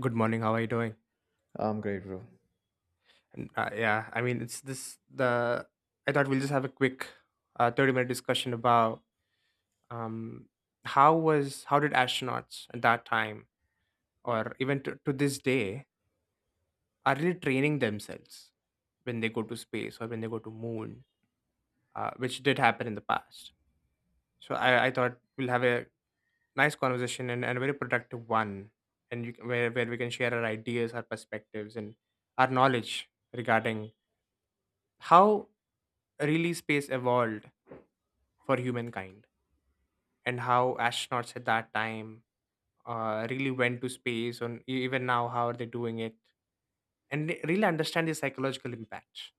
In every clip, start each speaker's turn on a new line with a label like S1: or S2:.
S1: Good morning. How are you doing?
S2: I'm great, bro.
S1: And, yeah, I mean, it's this the. I thought we'll just have a quick, 30-minute discussion about um, how did astronauts at that time, or even to this day, are really training themselves when they go to space or when they go to moon, which did happen in the past. So I thought we'll have a nice conversation and a very productive one, and where we can share our ideas, our perspectives, and our knowledge regarding how really space evolved for humankind and how astronauts at that time really went to space and even now how are they doing it and really understand the psychological impact,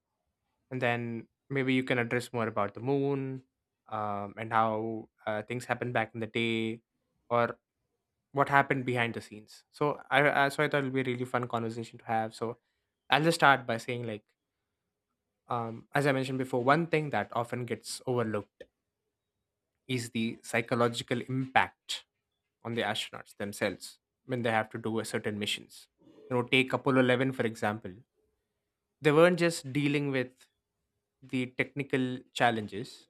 S1: and then maybe you can address more about the moon, and how things happened back in the day or what happened behind the scenes. So I thought it'll be a really fun conversation to have. So I'll just start by saying, like, as I mentioned before, one thing that often gets overlooked is the psychological impact on the astronauts themselves when they have to do a certain missions. You know, take Apollo 11 for example. They weren't just dealing with the technical challenges.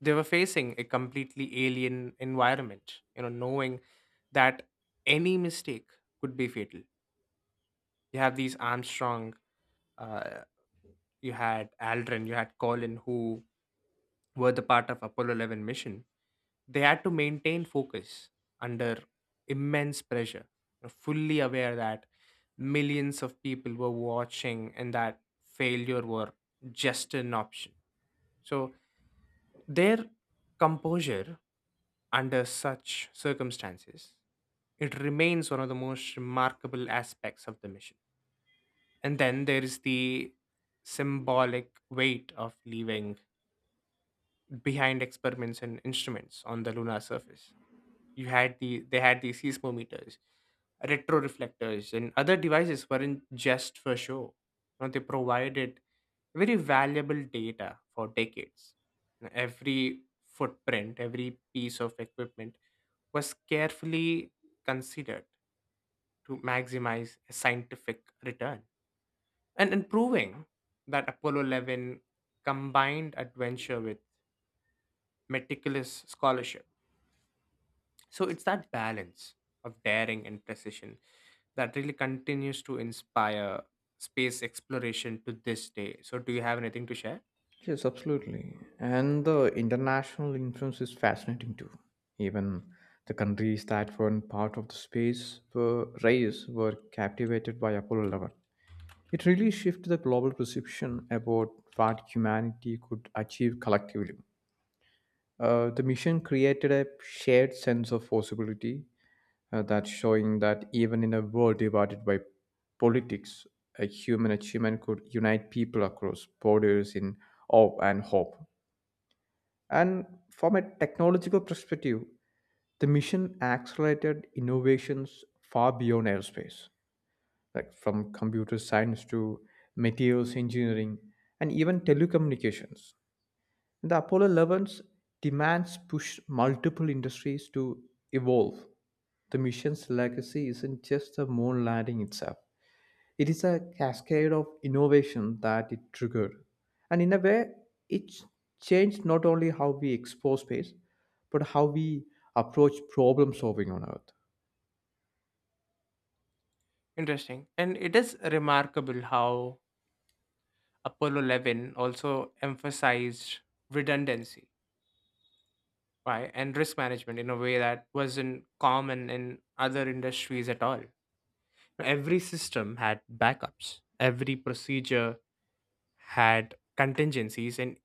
S1: They were facing a completely alien environment, you know, knowing that any mistake could be fatal. You have these Armstrong, uh, you had Aldrin, you had Colin, who were the part of Apollo 11 mission. They had to maintain focus under immense pressure, you know, fully aware that millions of people were watching and that failure were just an option. So their composure under such circumstances, it remains one of the most remarkable aspects of the mission. And then there is the symbolic weight of leaving behind experiments and instruments on the lunar surface. You had the They had these seismometers, retro reflectors, and other devices weren't just for show. You know, they provided very valuable data for decades. You know, every footprint, every piece of equipment was carefully considered to maximize a scientific return, and proving that Apollo 11 combined adventure with meticulous scholarship. So it's that balance of daring and precision that really continues to inspire space exploration to this day. So, do you have anything to share?
S2: Yes, absolutely. And the international influence is fascinating too. Even the countries that weren't part of the space were race were captivated by Apollo 11. It really shifted the global perception about what humanity could achieve collectively. The mission created a shared sense of possibility, that's showing that even in a world divided by politics, a human achievement could unite people across borders in awe and hope. And from a technological perspective, the mission accelerated innovations far beyond aerospace, like from computer science to materials engineering and even telecommunications. The Apollo 11's demands pushed multiple industries to evolve. The mission's legacy isn't just the moon landing itself, it is a cascade of innovation that it triggered. And in a way, it changed not only how we explore space, but how we approach problem solving on Earth.
S1: Interesting. And it is remarkable how Apollo 11 also emphasized redundancy, right, and risk management in a way that wasn't common in other industries at all. So every system had backups, every procedure had contingencies, and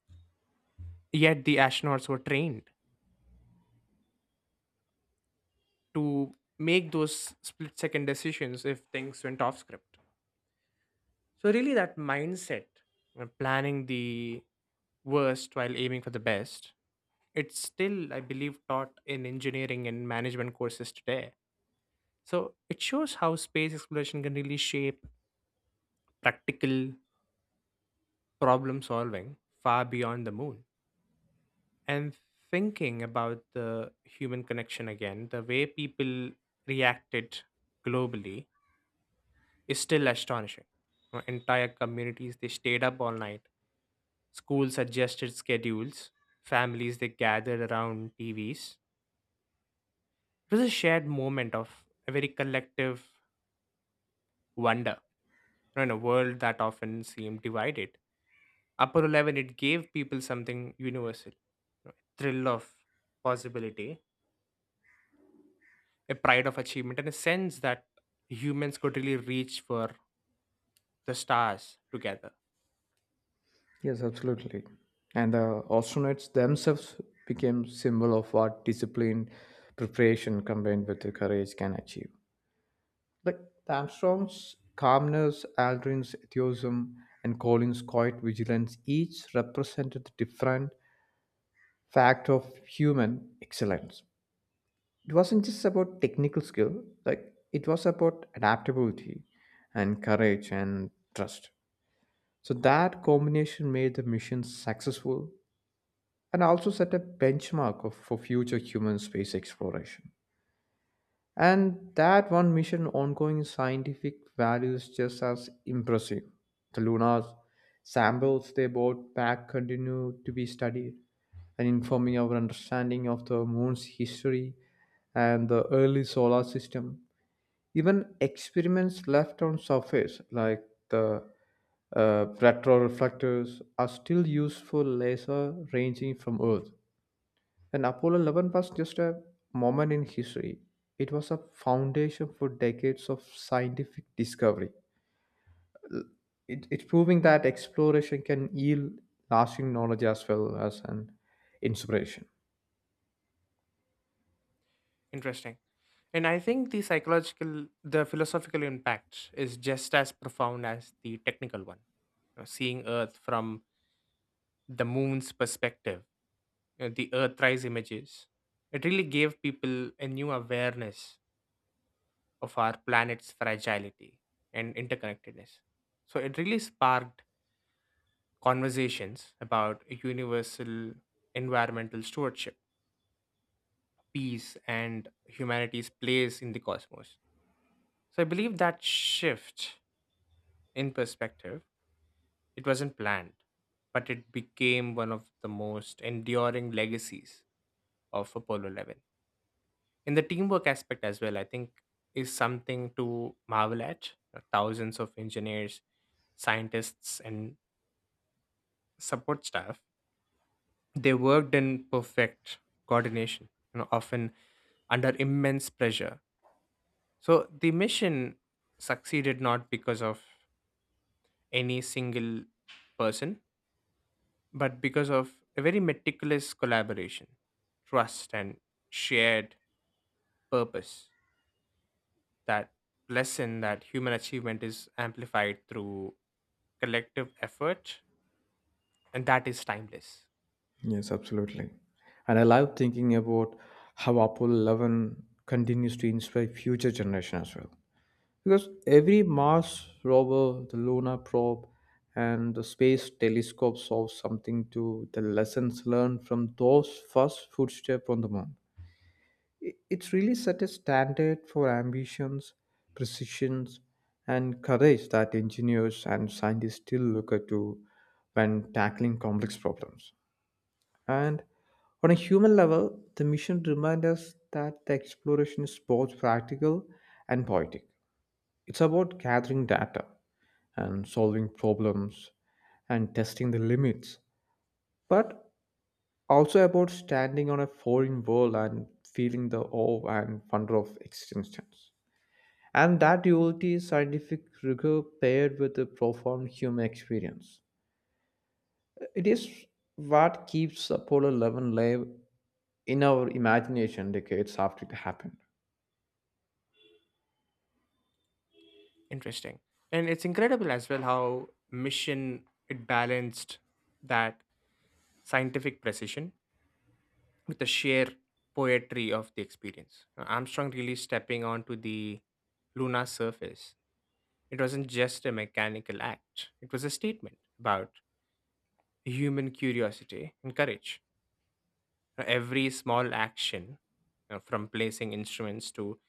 S1: yet the astronauts were trained to make those split second decisions if things went off script. So, really, that mindset, planning the worst while aiming for the best, it's still, I believe, taught in engineering and management courses today. So it shows how space exploration can really shape practical problem solving far beyond the moon. And thinking about the human connection again, the way people reacted globally is still astonishing. Entire communities, they stayed up all night, school suggested schedules, families they gathered around TVs. It was a shared moment of a very collective wonder, you know, in a world that often seemed divided. Apollo 11, it gave people something universal, you know, a thrill of possibility, a pride of achievement, and a sense that humans could really reach for the stars together.
S2: Yes, absolutely. And the astronauts themselves became symbol of what discipline, preparation combined with the courage can achieve. Like the Armstrong's calmness, Aldrin's enthusiasm, and Colin's quiet vigilance each represented a different fact of human excellence. It wasn't just about technical skill, like it was about adaptability and courage and trust. So that combination made the mission successful and also set a benchmark of, for future human space exploration. And that one mission ongoing scientific values just as impressive. The lunar samples they brought back continue to be studied and informing our understanding of the moon's history and the early solar system. Even experiments left on surface like the retroreflectors are still used for laser ranging from Earth, and Apollo 11 was just a moment in history. It was a foundation for decades of scientific discovery. L- it's proving that exploration can yield lasting knowledge as well as an inspiration.
S1: Interesting. And I think the psychological, the philosophical impact is just as profound as the technical one. You know, seeing Earth from the moon's perspective, you know, the Earthrise images, it really gave people a new awareness of our planet's fragility and interconnectedness. So it really sparked conversations about universal environmental stewardship, peace, and humanity's place in the cosmos. So I believe that shift in perspective, it wasn't planned, but it became one of the most enduring legacies of Apollo 11. In the teamwork aspect as well, I think is something to marvel at. Thousands of engineers, scientists, and support staff, they worked in perfect coordination, you know, often under immense pressure. So the mission succeeded not because of any single person but because of a very meticulous collaboration, trust, and shared purpose. That lesson that human achievement is amplified through collective effort, and that is timeless.
S2: Yes, absolutely. And I love thinking about how Apollo 11 continues to inspire future generations as well. Because every Mars rover, the lunar probe, and the space telescope saw something to the lessons learned from those first footsteps on the moon. It really set a standard for ambitions, precisions, and courage that engineers and scientists still look up to when tackling complex problems. And on a human level, the mission reminds us that the exploration is both practical and poetic. It's about gathering data and solving problems and testing the limits, but also about standing on a foreign world and feeling the awe and wonder of existence. And that duality is scientific rigor paired with a profound human experience. It is what keeps Apollo 11 live in our imagination decades after it happened.
S1: Interesting. And it's incredible as well how mission it balanced that scientific precision with the sheer poetry of the experience. Armstrong really stepping onto the lunar surface, it wasn't just a mechanical act, it was a statement about human curiosity and courage. Every small action, you know, from placing instruments to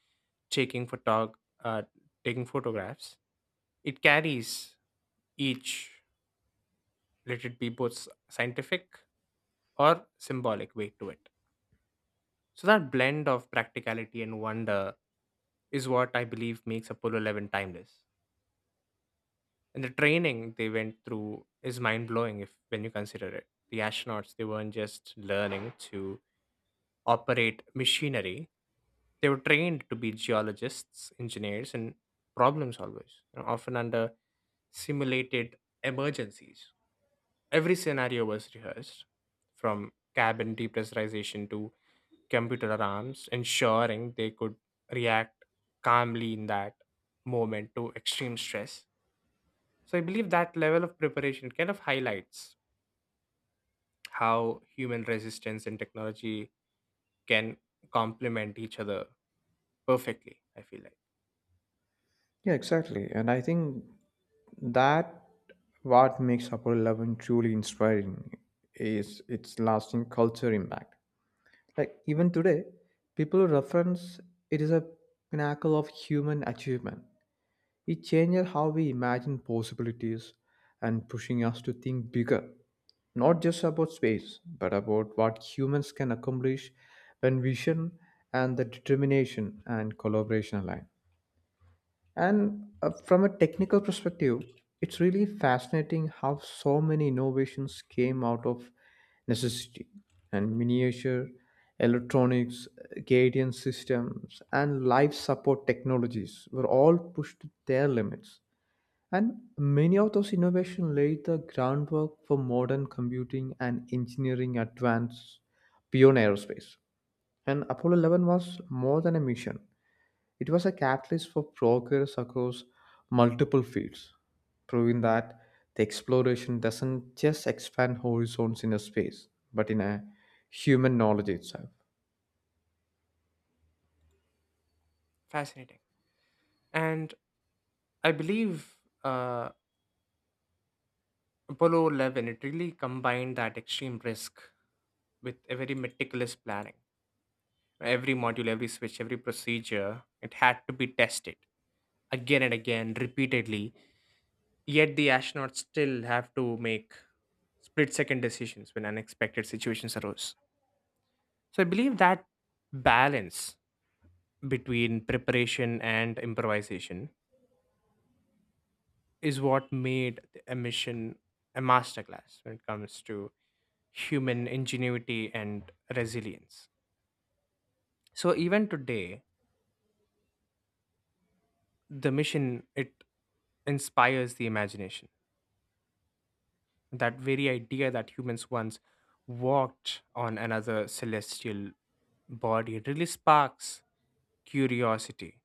S1: taking, photog- uh, taking photographs, it carries each, let it be both scientific or symbolic weight to it. So that blend of practicality and wonder is what I believe makes Apollo 11 timeless. And the training they went through is mind blowing if when you consider it. The astronauts, they weren't just learning to operate machinery, they were trained to be geologists, engineers, and problem solvers, you know, often under simulated emergencies. Every scenario was rehearsed, from cabin depressurization to computer alarms, ensuring they could react calmly in that moment to extreme stress. So I believe that level of preparation kind of highlights how human resistance and technology can complement each other perfectly. I feel like
S2: Yeah, exactly. And I think that what makes Apollo 11 truly inspiring is its lasting culture impact. Like even today, people reference it is a pinnacle of human achievement. It changes how we imagine possibilities and pushing us to think bigger, not just about space, but about what humans can accomplish when vision and the determination and collaboration align. And, from a technical perspective, it's really fascinating how so many innovations came out of necessity. And miniature electronics, guidance systems, and life support technologies were all pushed to their limits. And many of those innovations laid the groundwork for modern computing and engineering advance beyond aerospace. And Apollo 11 was more than a mission. It was a catalyst for progress across multiple fields, proving that the exploration doesn't just expand horizons in a space, but in a human knowledge itself.
S1: fascinating, and I believe, uh, Apollo 11, it really combined that extreme risk with a very meticulous planning. Every module, every switch, every procedure, it had to be tested again and again, repeatedly. Yet the astronauts still have to make split second decisions when unexpected situations arose. So I believe that balance between preparation and improvisation is what made the mission a masterclass when it comes to human ingenuity and resilience. So even today, the mission it inspires the imagination. That very idea that humans once walked on another celestial body, it really sparks curiosity,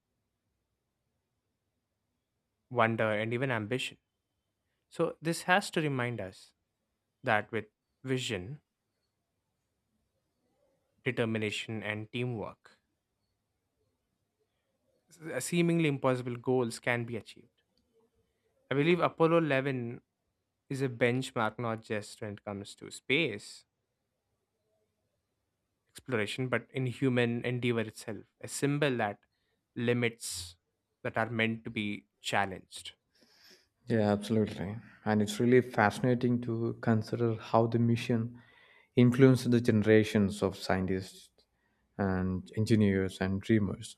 S1: wonder, and even ambition. So this has to remind us that with vision, determination, and teamwork, seemingly impossible goals can be achieved. I believe Apollo 11 is a benchmark not just when it comes to space exploration, but in human endeavor itself, a symbol that limits that are meant to be challenged.
S2: Yeah, absolutely. And it's really fascinating to consider how the mission influenced the generations of scientists and engineers and dreamers.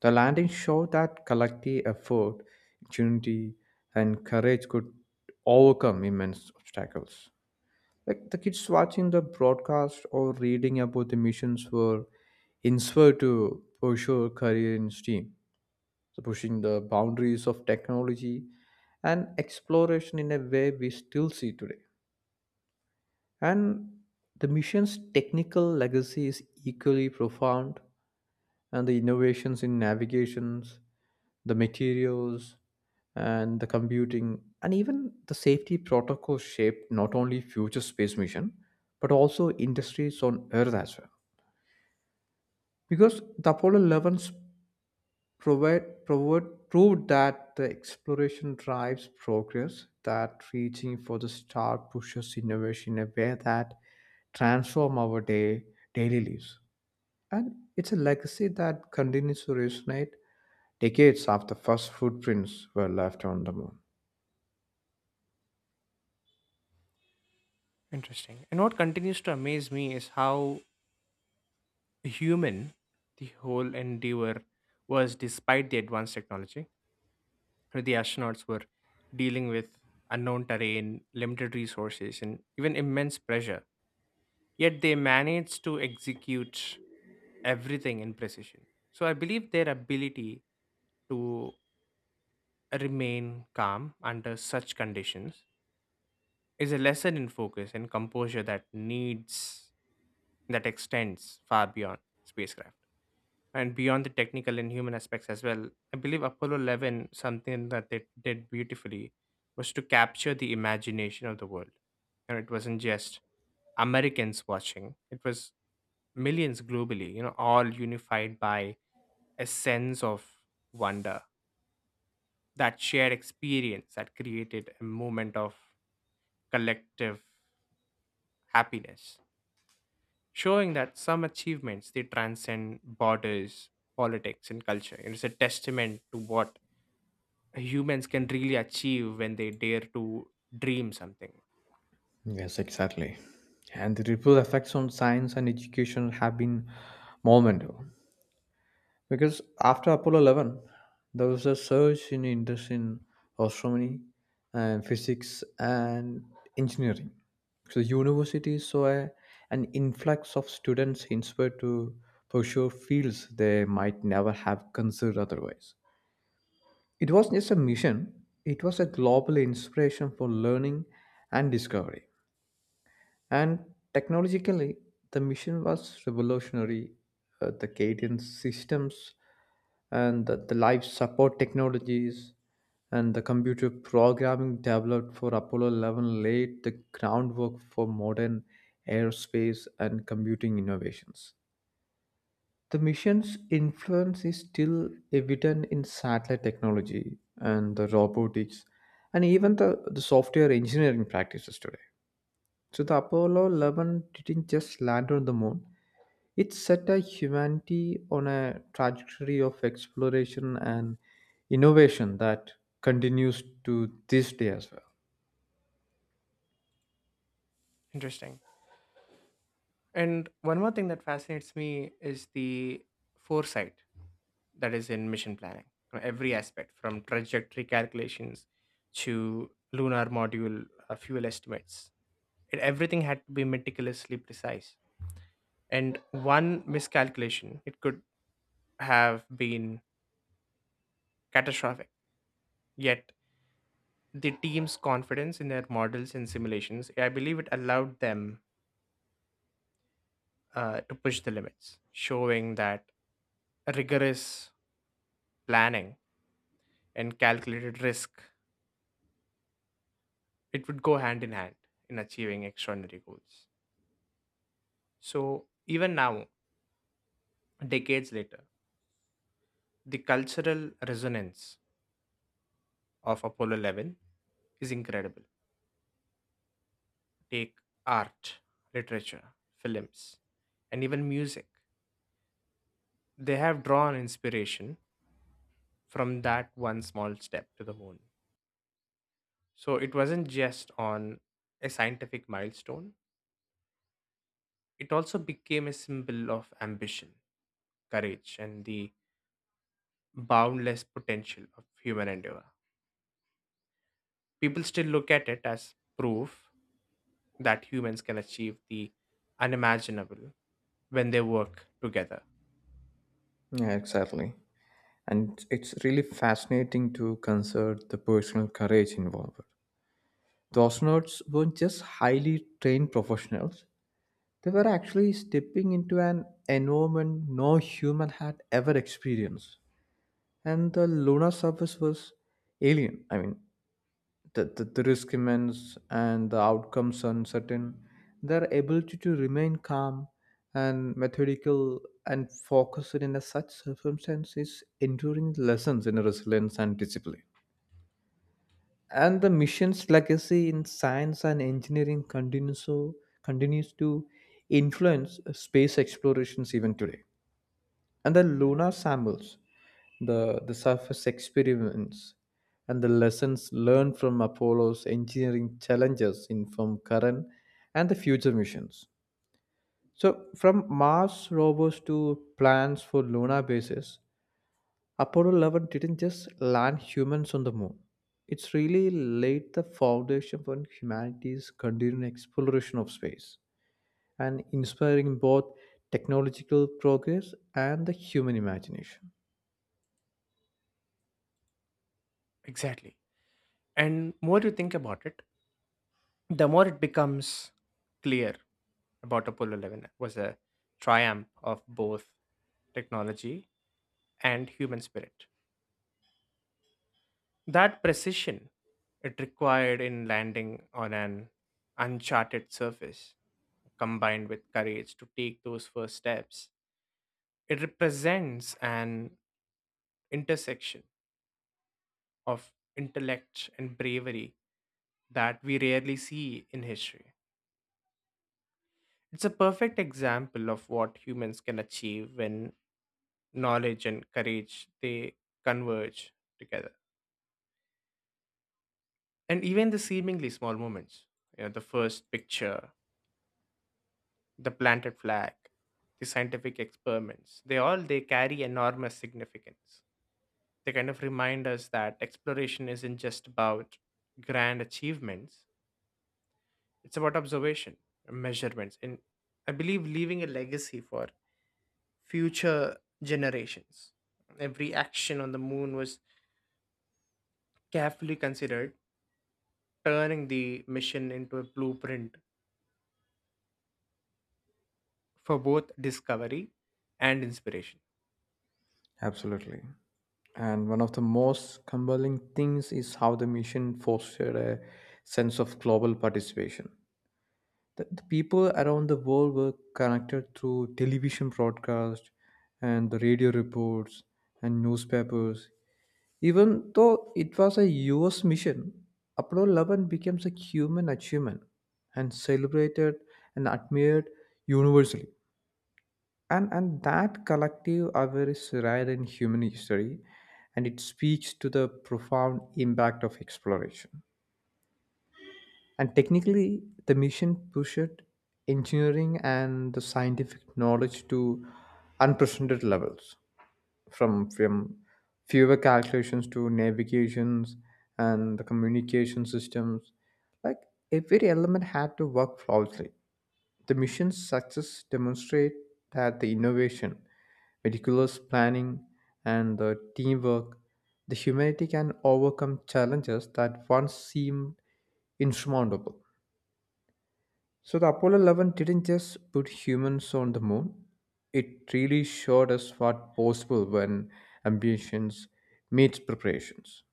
S2: The landing showed that collective effort, unity, and courage could overcome immense obstacles. Like the kids watching the broadcast or reading about the missions were inspired to pursue a career in STEAM, so pushing the boundaries of technology and exploration in a way we still see today. And the mission's technical legacy is equally profound, and the innovations in navigations, the materials, and the computing, and even the safety protocols shaped not only future space mission, but also industries on Earth as well. Because the Apollo 11s proved that the exploration drives progress, that reaching for the star pushes innovation in a way that transform our daily lives. And it's a legacy that continues to resonate decades after first footprints were left on the moon.
S1: Interesting. And what continues to amaze me is how human the whole endeavor was. Despite the advanced technology, the astronauts were dealing with unknown terrain, limited resources, and even immense pressure. Yet they managed to execute everything in precision. So I believe their ability to remain calm under such conditions is a lesson in focus and composure that needs that extends far beyond spacecraft. And beyond the technical and human aspects as well, I believe Apollo 11, something that they did beautifully, was to capture the imagination of the world. And it wasn't just Americans watching, it was millions globally, you know, all unified by a sense of wonder. That shared experience that created a moment of collective happiness, showing that some achievements they transcend borders, politics, and culture. It's a testament to what humans can really achieve when they dare to dream something.
S2: Yes, exactly. And the ripple effects on science and education have been monumental. Because after Apollo 11, there was a surge in interest in astronomy and physics and engineering. So universities saw an influx of students inspired to pursue fields they might never have considered otherwise. It wasn't just a mission, it was a global inspiration for learning and discovery. And technologically, the mission was revolutionary. The cadence systems and the life support technologies and the computer programming developed for Apollo 11 laid the groundwork for modern aerospace and computing innovations. The mission's influence is still evident in satellite technology and the robotics and even the software engineering practices today. So the Apollo 11 didn't just land on the moon, it set a humanity on a trajectory of exploration and innovation that continues to this day as well.
S1: Interesting. And one more thing that fascinates me is the foresight that is in mission planning. Every aspect from trajectory calculations to lunar module fuel estimates. It, everything had to be meticulously precise. And one miscalculation, it could have been catastrophic. Yet the team's confidence in their models and simulations, I believe it allowed them, to push the limits, showing that rigorous planning and calculated risk, it would go hand in hand in achieving extraordinary goals. So even now, decades later, the cultural resonance of Apollo 11 is incredible. Take art, literature, films, and even music. They have drawn inspiration from that one small step to the moon. So it wasn't just on a scientific milestone, it also became a symbol of ambition, courage, and the boundless potential of human endeavor. People still look at it as proof that humans can achieve the unimaginable when they work together.
S2: Yeah, exactly. And it's really fascinating to consider the personal courage involved. The astronauts weren't just highly trained professionals, they were actually stepping into an environment no human had ever experienced. And the lunar surface was alien. I mean, the risk immense and the outcomes uncertain. Their ability to remain calm and methodical and focused in a such circumstance is enduring lessons in resilience and discipline. And the mission's legacy in science and engineering continues to influence space explorations even today, and the lunar samples, the surface experiments, and the lessons learned from Apollo's engineering challenges inform current and the future missions. So from Mars rovers to plans for lunar bases, Apollo 11 didn't just land humans on the moon. It's really laid the foundation for humanity's continued exploration of space and inspiring both technological progress and the human imagination.
S1: Exactly. And more you think about it, the more it becomes clear about Apollo 11 was a triumph of both technology and human spirit. That precision it required in landing on an uncharted surface, combined with courage to take those first steps, it represents an intersection of intellect and bravery that we rarely see in history. It's a perfect example of what humans can achieve when knowledge and courage they converge together. And even the seemingly small moments, you know, the first picture, the planted flag, the scientific experiments, they all they carry enormous significance. They kind of remind us that exploration isn't just about grand achievements, it's about observation, measurements, and I believe leaving a legacy for future generations. Every action on the moon was carefully considered, turning the mission into a blueprint for both discovery and inspiration.
S2: Absolutely. And one of the most compelling things is how the mission fostered a sense of global participation. The people around the world were connected through television broadcasts and the radio reports and newspapers. Even though it was a US mission, Apollo 11 became a human achievement and celebrated and admired universally. And that collective aware is rare in human history, and it speaks to the profound impact of exploration. And technically, the mission pushed engineering and the scientific knowledge to unprecedented levels, from fewer calculations to navigations and the communication systems. Like every element had to work flawlessly. The mission's success demonstrate that the innovation, meticulous planning, and the teamwork, the humanity can overcome challenges that once seemed insurmountable. So the Apollo 11 didn't just put humans on the moon, it really showed us what possible when ambitions meets preparations.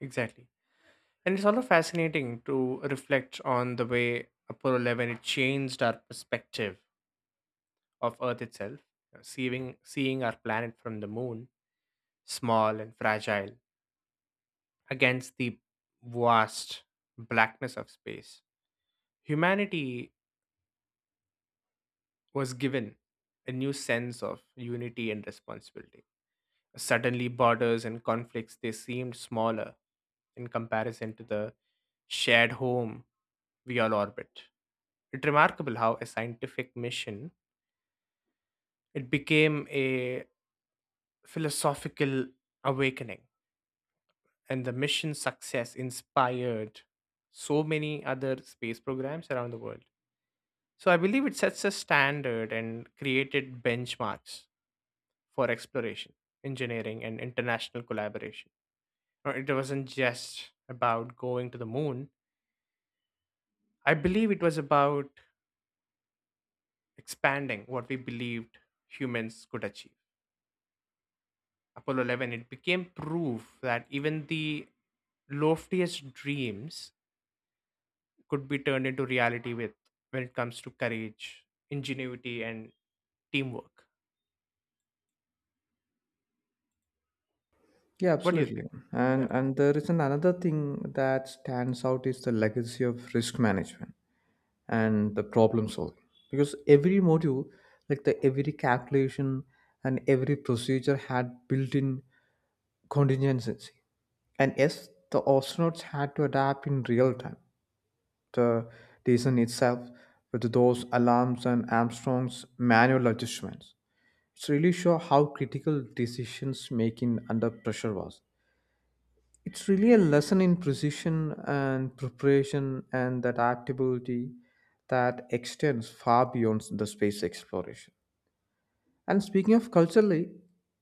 S1: Exactly. And it's also fascinating to reflect on the way Apollo 11 it changed our perspective of Earth itself, you know, seeing our planet from the moon, small and fragile, against the vast blackness of space. Humanity was given a new sense of unity and responsibility. Suddenly, borders and conflicts they seemed smaller in comparison to the shared home we all orbit. It's remarkable how a scientific mission it became a philosophical awakening, and the mission's success inspired so many other space programs around the world. So I believe it sets a standard and created benchmarks for exploration, engineering, and international collaboration. Now, it wasn't just about going to the moon. I believe it was about expanding what we believed humans could achieve. Apollo 11, it became proof that even the loftiest dreams could be turned into reality with when it comes to courage, ingenuity, and teamwork.
S2: Yeah,
S1: What do you
S2: absolutely.
S1: think? Yeah,
S2: And there is an another thing that stands out is the legacy of risk management and the problem solving. Because every module, like the every calculation and every procedure had built-in contingency. And yes, the astronauts had to adapt in real time. The reason itself with those alarms and Armstrong's manual adjustments. It's really show how critical decisions making under pressure was. It's really a lesson in precision and preparation and that adaptability that extends far beyond the space exploration. And speaking of culturally,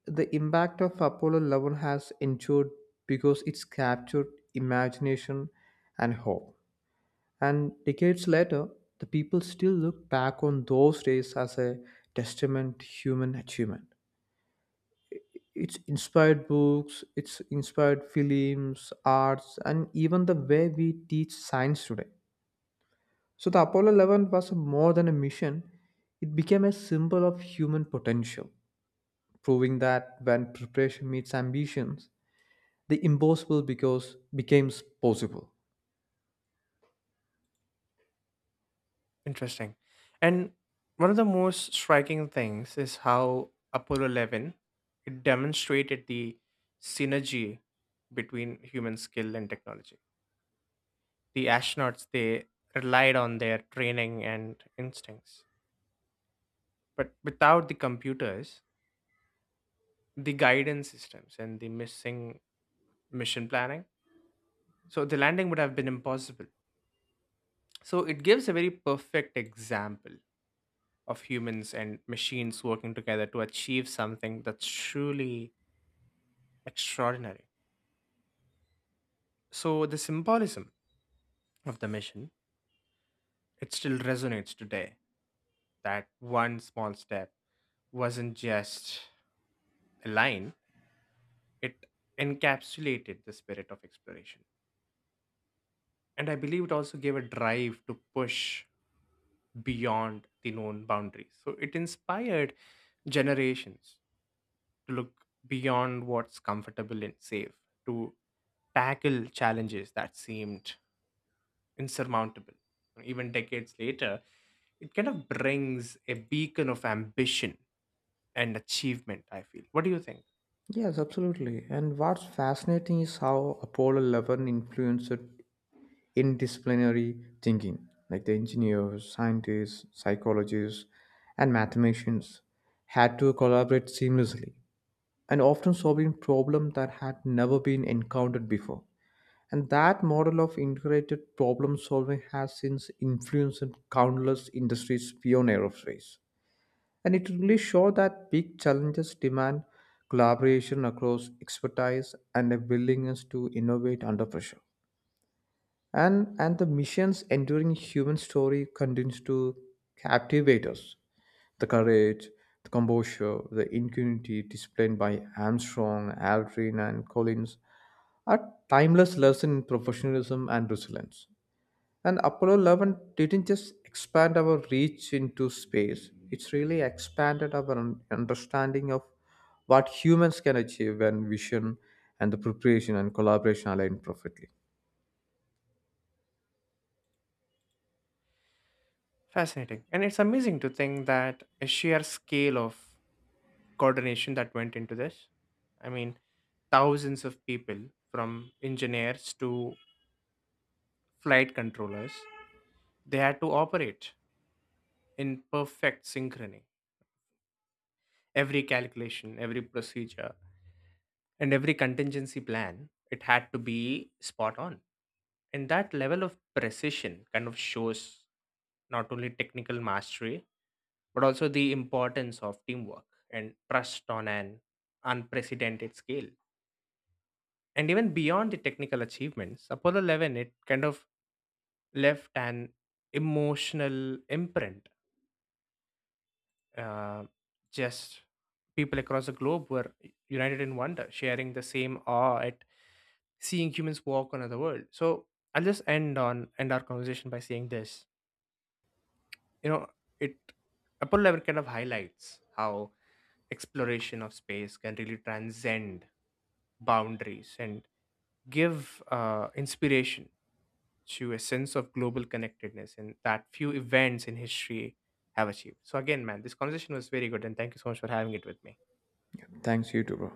S2: the impact of Apollo 11 has endured because it's captured imagination and hope. And decades later, the people still look back on those days as a testament to human achievement. It's inspired books, it's inspired films, arts, and even the way we teach science today. So the Apollo 11 was more than a mission, it became a symbol of human potential, proving that when preparation meets ambitions, the impossible because becomes possible.
S1: interesting. And one of the most striking things is how Apollo 11 it demonstrated the synergy between human skill and technology. The astronauts they relied on their training and instincts, but without the computers, the guidance systems and the missing mission planning. So the landing would have been impossible. So it gives a very perfect example of humans and machines working together to achieve something that's truly extraordinary. So the symbolism of the mission, it still resonates today that one small step wasn't just a line, it encapsulated the spirit of exploration. And I believe it also gave a drive to push beyond the known boundaries. So it inspired generations to look beyond what's comfortable and safe, to tackle challenges that seemed insurmountable. Even decades later, it kind of brings a beacon of ambition and achievement, I feel. What do you think?
S2: Yes, absolutely. And what's fascinating is how Apollo 11 influenced interdisciplinary thinking, like the engineers, scientists, psychologists, and mathematicians had to collaborate seamlessly and often solving problems that had never been encountered before. And that model of integrated problem solving has since influenced countless industries beyond aerospace. And it really showed that big challenges demand collaboration across expertise and a willingness to innovate under pressure. And the mission's enduring human story continues to captivate us, the courage, the composure, the ingenuity displayed by Armstrong, Aldrin, and Collins are timeless lessons in professionalism and resilience. And Apollo 11 didn't just expand our reach into space, it's really expanded our understanding of what humans can achieve when vision and the preparation and collaboration align perfectly.
S1: Fascinating. And it's amazing to think that a sheer scale of coordination that went into this. I mean, thousands of people from engineers to flight controllers, they had to operate in perfect synchrony. Every calculation, every procedure, and every contingency plan, it had to be spot on. And that level of precision kind of shows not only technical mastery, but also the importance of teamwork and trust on an unprecedented scale. And even beyond the technical achievements, Apollo 11, it kind of left an emotional imprint, uh, just people across the globe were united in wonder, sharing the same awe at seeing humans walk on other world. So I'll just end on end our conversation by saying this. You know, it Apollo 11 kind of highlights how exploration of space can really transcend boundaries and give, inspiration to a sense of global connectedness and that few events in history have achieved. So again, man, this conversation was very good and thank you so much for having it with me.
S2: Thanks, you too, bro.